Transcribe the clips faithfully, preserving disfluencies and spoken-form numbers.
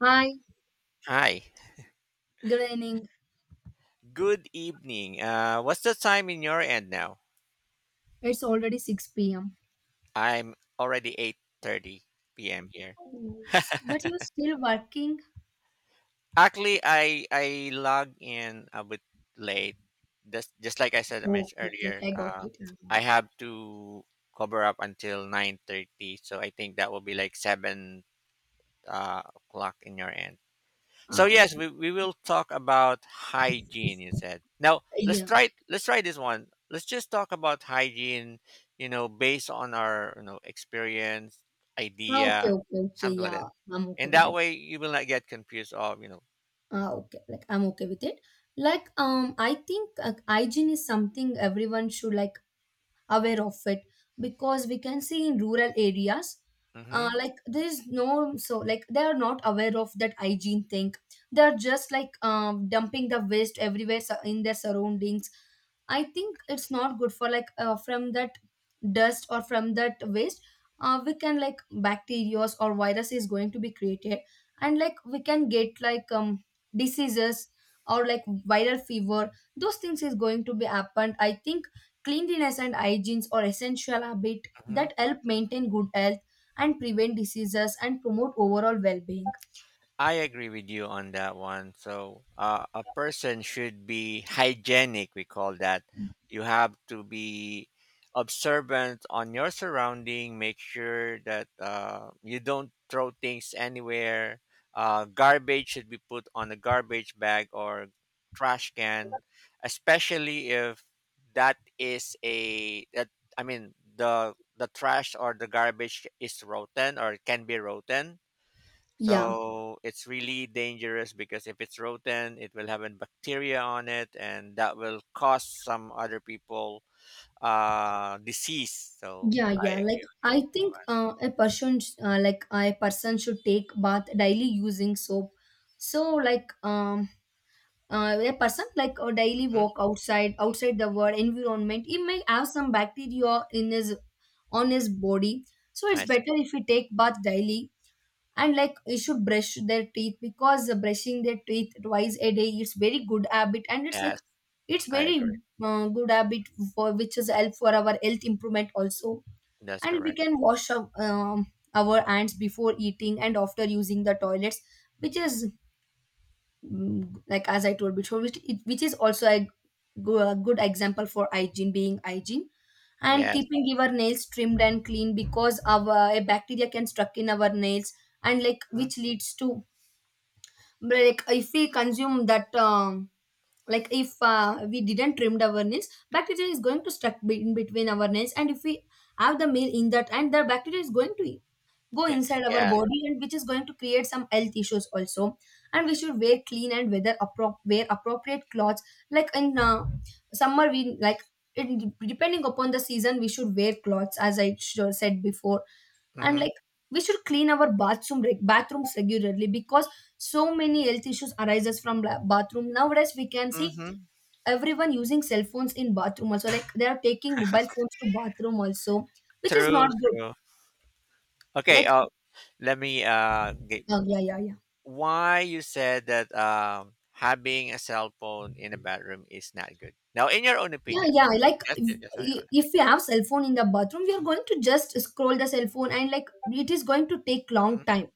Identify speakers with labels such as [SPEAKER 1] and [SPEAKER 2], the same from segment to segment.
[SPEAKER 1] Hi,
[SPEAKER 2] Hi.
[SPEAKER 1] good evening.
[SPEAKER 2] Good evening. Uh, what's the time in your end now?
[SPEAKER 1] It's already six p m.
[SPEAKER 2] I'm already eight thirty p m here.
[SPEAKER 1] Oh, st- but you're still working?
[SPEAKER 2] Actually, I I log in a bit late. Just just like I said I
[SPEAKER 1] Oh,
[SPEAKER 2] mentioned
[SPEAKER 1] okay,
[SPEAKER 2] earlier,
[SPEAKER 1] okay, I got
[SPEAKER 2] uh,
[SPEAKER 1] it. Ah,
[SPEAKER 2] I
[SPEAKER 1] okay.
[SPEAKER 2] have to cover up until nine thirty, so I think that will be like seven uh, o'clock in your end. So
[SPEAKER 1] Ah,
[SPEAKER 2] yes, we,
[SPEAKER 1] okay.
[SPEAKER 2] we will talk about hygiene. You said now let's
[SPEAKER 1] Yeah.
[SPEAKER 2] try let's try this one. Let's just talk about hygiene. You know, based on our you know experience,
[SPEAKER 1] Ah, okay,
[SPEAKER 2] idea,
[SPEAKER 1] okay, okay.
[SPEAKER 2] something like that.
[SPEAKER 1] Yeah, I'm okay
[SPEAKER 2] And
[SPEAKER 1] with
[SPEAKER 2] that
[SPEAKER 1] it.
[SPEAKER 2] way, you will not get confused. Of you know.
[SPEAKER 1] Ah, okay. Like I'm okay with it. Like um, I think uh, hygiene is something everyone should like aware of it because we can see in rural areas
[SPEAKER 2] Mm-hmm,
[SPEAKER 1] uh, like there is no so like they are not aware of that hygiene thing. They are just like um, dumping the waste everywhere sur- in their surroundings. I think it's not good for like uh, from that dust or from that waste. Uh, we can like bacteria or virus is going to be created, and like we can get like um diseases or like viral fever. Those things is going to be happened, I think. Cleanliness and hygiene are essential habits
[SPEAKER 2] mm-hmm.
[SPEAKER 1] that help maintain good health and prevent diseases and promote overall well-being.
[SPEAKER 2] I agree with you on that one. So, uh, a person should be hygienic, we call that. You have to be observant on your surrounding, make sure that uh, you don't throw things anywhere. Uh, garbage should be put on a garbage bag or trash can, especially if that is a that I mean the the trash or the garbage is rotten or can be rotten,
[SPEAKER 1] Yeah,
[SPEAKER 2] so it's really dangerous because if it's rotten, it will have a bacteria on it, and that will cause some other people uh, disease. So
[SPEAKER 1] yeah,
[SPEAKER 2] I
[SPEAKER 1] yeah. Like
[SPEAKER 2] agree on
[SPEAKER 1] I
[SPEAKER 2] you.
[SPEAKER 1] think uh, a person, sh- uh, like uh, a person should take bath daily using soap. So like um, uh, a person like a daily
[SPEAKER 2] Hmm.
[SPEAKER 1] walk outside, outside the world environment, he may have some bacteria in his on his body. So it's
[SPEAKER 2] I see.
[SPEAKER 1] better if we take bath daily, and like you should brush their teeth because uh, brushing their teeth twice a day is very good habit, and it's like
[SPEAKER 2] Yes,
[SPEAKER 1] it's
[SPEAKER 2] I
[SPEAKER 1] very
[SPEAKER 2] agree.
[SPEAKER 1] uh, good habit for which is help for our health improvement also.
[SPEAKER 2] That's
[SPEAKER 1] And we
[SPEAKER 2] correct.
[SPEAKER 1] can wash up, um, our hands before eating and after using the toilets, which is mm, like as I told before which, it, which is also a, go- a good example for hygiene being hygiene, and
[SPEAKER 2] Yes.
[SPEAKER 1] keeping our nails trimmed and clean because our a bacteria can stuck in our nails, and like
[SPEAKER 2] Mhm.
[SPEAKER 1] which leads to like if we consume that um, like if uh, we didn't trimmed our nails bacteria is going to stuck be- in between our nails, and if we have the meal in that, and the bacteria is going to go
[SPEAKER 2] Okay.
[SPEAKER 1] inside our
[SPEAKER 2] Yeah.
[SPEAKER 1] body, and which is going to create some health issues also. And we should wear clean and weather appro- wear appropriate clothes, like in uh, summer we like it, depending upon the season we should wear clothes as I sure said before. And
[SPEAKER 2] Mm-hmm.
[SPEAKER 1] like we should clean our bathroom reg- bathrooms regularly because so many health issues arises from la- bathroom. Nowadays we can see
[SPEAKER 2] Mm-hmm.
[SPEAKER 1] everyone using cell phones in bathroom also, like they are taking mobile phones to bathroom also, which is
[SPEAKER 2] True.
[SPEAKER 1] not good.
[SPEAKER 2] True. Okay.
[SPEAKER 1] Like
[SPEAKER 2] Uh, let me uh get
[SPEAKER 1] uh, yeah, yeah, yeah.
[SPEAKER 2] why you said that um having a cell phone in a bedroom is not good. Now, in your own
[SPEAKER 1] Yeah,
[SPEAKER 2] opinion,
[SPEAKER 1] yeah, like
[SPEAKER 2] that's it. Just on your
[SPEAKER 1] if
[SPEAKER 2] own.
[SPEAKER 1] if we have cell phone in the bathroom, we are going to just scroll the cell phone, and like it is going to take long
[SPEAKER 2] Mm-hmm.
[SPEAKER 1] time,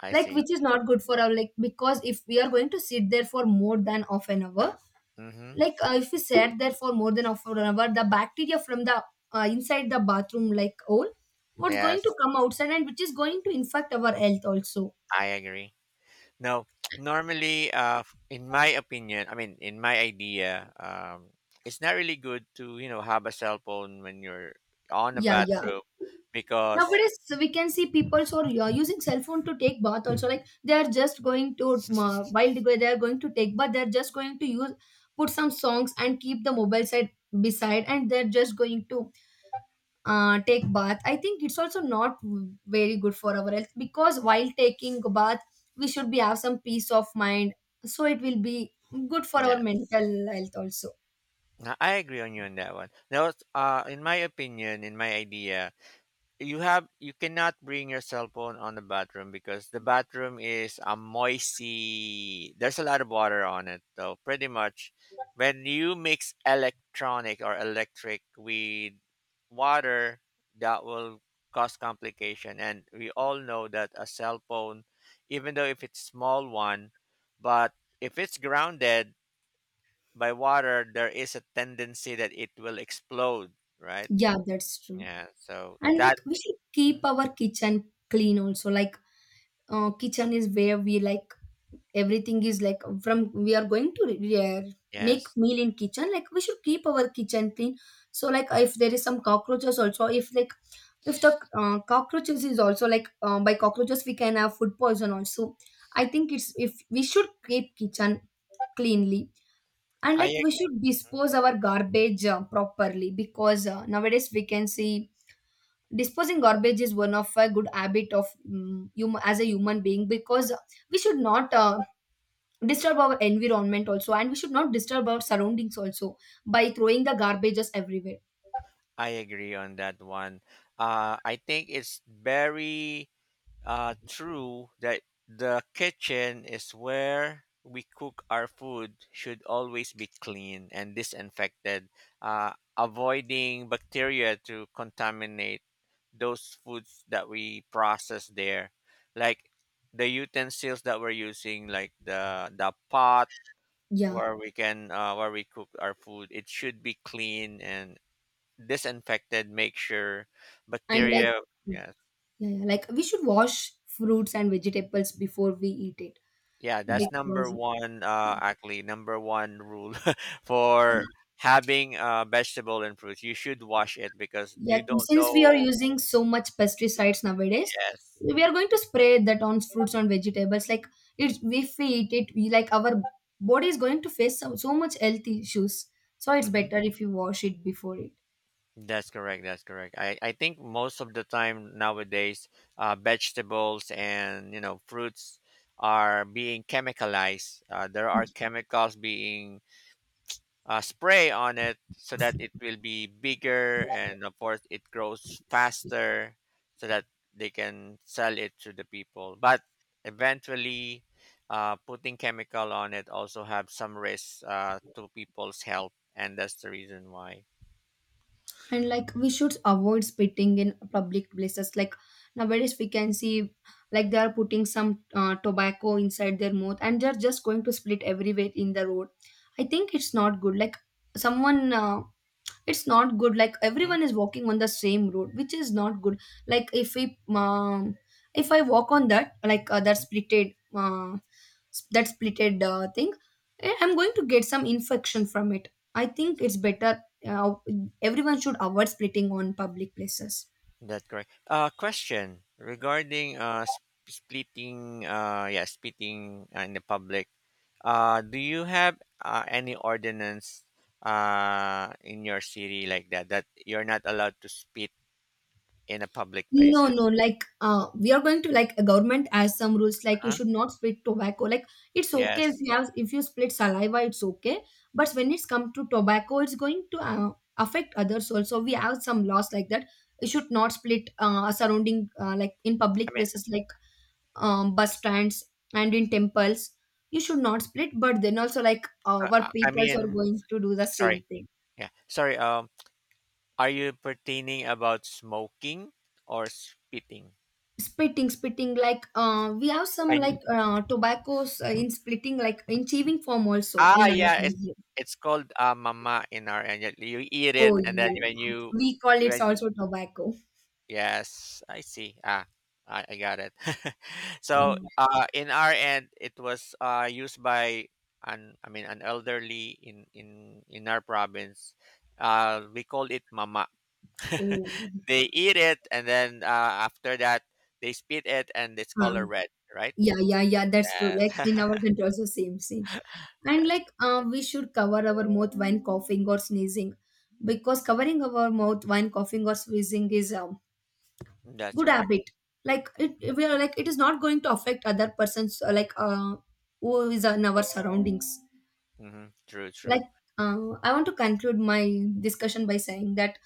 [SPEAKER 2] I
[SPEAKER 1] like
[SPEAKER 2] see.
[SPEAKER 1] which is not good for our like. Because if we are going to sit there for more than half an hour,
[SPEAKER 2] Mm-hmm.
[SPEAKER 1] like uh, if you sat there for more than a for an hour, the bacteria from the uh, inside the bathroom like all what's going to
[SPEAKER 2] Yes,
[SPEAKER 1] come outside, and which is going to infect our health also.
[SPEAKER 2] I agree. No, normally, uh, f- in my opinion, I mean, in my idea, um, it's not really good to you know have a cell phone when you're on a
[SPEAKER 1] Yeah, yeah.
[SPEAKER 2] bathroom because
[SPEAKER 1] Nowadays we can see people so are uh, using cell phone to take bath also, like they are just going to uh, while they they are going to take bath, they're just going to use put some songs and keep the mobile side beside, and they're just going to uh, take bath. I think it's also not very good for our health, because while taking a bath we should be have some peace of mind, so it will be good for our
[SPEAKER 2] yeah,
[SPEAKER 1] mental health also.
[SPEAKER 2] no, I agree on you on that one. Now, uh, in my opinion, in my idea, you have you cannot bring your cell phone on the bathroom because the bathroom is a moisty, there's a lot of water on it, so pretty much when you mix electronic or electric with water, that will cause complication, and we all know that a cell phone, even though if it's small one, but if it's grounded by water, there is a tendency that it will explode, right?
[SPEAKER 1] Yeah, that's true.
[SPEAKER 2] Yeah, so
[SPEAKER 1] And like
[SPEAKER 2] that.
[SPEAKER 1] we should
[SPEAKER 2] Hmm,
[SPEAKER 1] keep our kitchen clean also. Like uh, kitchen is where we like everything is like from we are going to yeah, make
[SPEAKER 2] yes.
[SPEAKER 1] meal in kitchen. Like we should keep our kitchen clean. So like if there is some cockroaches also, if like if the uh, cockroaches is also like uh, by cockroaches we can have food poison also. I think it's if we should keep kitchen cleanly. And
[SPEAKER 2] I
[SPEAKER 1] like
[SPEAKER 2] ag-
[SPEAKER 1] we should dispose our garbage uh, properly, because uh, nowadays we can see disposing garbage is one of a good habit of um, hum- as a human being, because we should not uh, disturb our environment also, and we should not disturb our surroundings also, by throwing the garbages everywhere.
[SPEAKER 2] I agree on that one. Uh, I think it's very uh, true that the kitchen is where we cook our food should always be clean and disinfected, uh, avoiding bacteria to contaminate those foods that we process there, like the utensils that we're using, like the the pot
[SPEAKER 1] Yeah,
[SPEAKER 2] where we can uh, where we cook our food. It should be clean and disinfected, make sure
[SPEAKER 1] and like
[SPEAKER 2] bacteria.
[SPEAKER 1] yeah,
[SPEAKER 2] Yes,
[SPEAKER 1] yeah, like we should wash fruits and vegetables before we eat it,
[SPEAKER 2] yeah, that's number
[SPEAKER 1] because
[SPEAKER 2] one. Uh, actually, number one rule for having uh, vegetable and fruits, you should wash it because
[SPEAKER 1] yeah,
[SPEAKER 2] you don't
[SPEAKER 1] since we are
[SPEAKER 2] know.
[SPEAKER 1] using so much pesticides nowadays,
[SPEAKER 2] Yes.
[SPEAKER 1] we are going to spray that on fruits and vegetables, like it's if we eat it, we like our body is going to face so, so much health issues, so it's
[SPEAKER 2] Hmm.
[SPEAKER 1] better if you wash it before it.
[SPEAKER 2] That's correct. That's correct. I, I think most of the time nowadays, uh, vegetables and you know fruits are being chemicalized. Uh, there are chemicals being uh, spray on it so that it will be bigger and of course it grows faster so that they can sell it to the people, but eventually, uh, putting chemical on it also have some risks uh, to people's health and that's the reason why.
[SPEAKER 1] And like we should avoid spitting in public places. Like nowadays we can see like they are putting some uh, tobacco inside their mouth and they're just going to split everywhere in the road. I think it's not good, like someone uh, it's not good, like everyone is walking on the same road, which is not good. Like if we um, if I walk on that, like uh, that
[SPEAKER 2] Mhm.
[SPEAKER 1] splitted uh, s- that splitted uh, thing, eh, I'm going to get some infection from it. I think it's better uh, everyone should avoid splitting on public places.
[SPEAKER 2] That correct, uh, question regarding uh, sp- splitting uh, yeah, splitting uh, in the public. Uh, do you have uh, any ordinance uh, in your city like that, that you're not allowed to spit in a public place?
[SPEAKER 1] No, no, like uh, we are going to like a government has some rules, like you
[SPEAKER 2] Huh?
[SPEAKER 1] should not split tobacco. Like it's okay if
[SPEAKER 2] Yes.
[SPEAKER 1] you have if you split saliva, it's okay. But when it's come to tobacco, it's going to uh, affect others also. We have some laws like that. You should not split uh, surrounding uh, like in
[SPEAKER 2] I
[SPEAKER 1] public
[SPEAKER 2] mean,
[SPEAKER 1] places like um, bus stands and in temples. You should not split, but then also like
[SPEAKER 2] uh,
[SPEAKER 1] our
[SPEAKER 2] uh, I
[SPEAKER 1] peoples are
[SPEAKER 2] mean,
[SPEAKER 1] going to do the
[SPEAKER 2] sorry.
[SPEAKER 1] same thing.
[SPEAKER 2] Yeah, sorry. Um, are you pertaining about smoking or spitting?
[SPEAKER 1] Splitting, splitting. Like uh, we have some
[SPEAKER 2] When
[SPEAKER 1] like uh, tobaccos uh, in splitting, like in chewing form also
[SPEAKER 2] ah
[SPEAKER 1] in our
[SPEAKER 2] yeah, it's
[SPEAKER 1] country.
[SPEAKER 2] it's called uh, mama in our end. You eat
[SPEAKER 1] Oh
[SPEAKER 2] it and then
[SPEAKER 1] yeah,
[SPEAKER 2] when you
[SPEAKER 1] we call it
[SPEAKER 2] when
[SPEAKER 1] also tobacco.
[SPEAKER 2] yes, I see. Ah, I, I got it. So,
[SPEAKER 1] Uh,
[SPEAKER 2] uh, in our end, it was uh, used by an I mean an elderly in in in our province. Uh, we called it mama.
[SPEAKER 1] oh,
[SPEAKER 2] They eat it, and then uh, after that, they spit it, and it's
[SPEAKER 1] uh,
[SPEAKER 2] color red, right?
[SPEAKER 1] yeah, yeah, yeah. That's true. Like
[SPEAKER 2] Yes,
[SPEAKER 1] in our country also same, same. And
[SPEAKER 2] that's
[SPEAKER 1] like uh, we should cover our mouth when coughing or sneezing, because covering our mouth when coughing or sneezing is a
[SPEAKER 2] that's
[SPEAKER 1] good
[SPEAKER 2] correct.
[SPEAKER 1] habit. Like it, we are like it is not going to affect other persons uh, like uh, who is in our surroundings.
[SPEAKER 2] Hmm. True,
[SPEAKER 1] Like
[SPEAKER 2] true.
[SPEAKER 1] uh, I want to conclude my discussion by saying that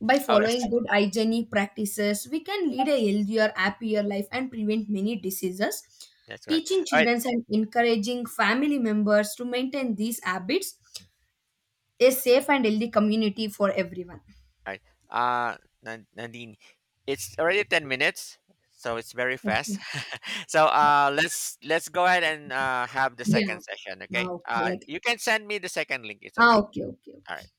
[SPEAKER 1] by
[SPEAKER 2] Oh,
[SPEAKER 1] following
[SPEAKER 2] yes,
[SPEAKER 1] good hygienic practices, we can lead a healthier happier life and prevent many diseases.
[SPEAKER 2] that's right.
[SPEAKER 1] Teaching
[SPEAKER 2] All right.
[SPEAKER 1] children and encouraging family members to maintain these habits, a safe and healthy community for everyone.
[SPEAKER 2] All right. Uh, Nan- Nandini, it's already ten minutes, so it's very
[SPEAKER 1] Okay.
[SPEAKER 2] fast. So
[SPEAKER 1] Yeah,
[SPEAKER 2] uh, let's let's go ahead and uh, have the
[SPEAKER 1] yeah.
[SPEAKER 2] second session.
[SPEAKER 1] Ah,
[SPEAKER 2] Okay.
[SPEAKER 1] okay,
[SPEAKER 2] Uh,
[SPEAKER 1] like
[SPEAKER 2] you can send me the second link. It's
[SPEAKER 1] ah,
[SPEAKER 2] okay.
[SPEAKER 1] okay, okay,
[SPEAKER 2] All
[SPEAKER 1] okay.
[SPEAKER 2] right.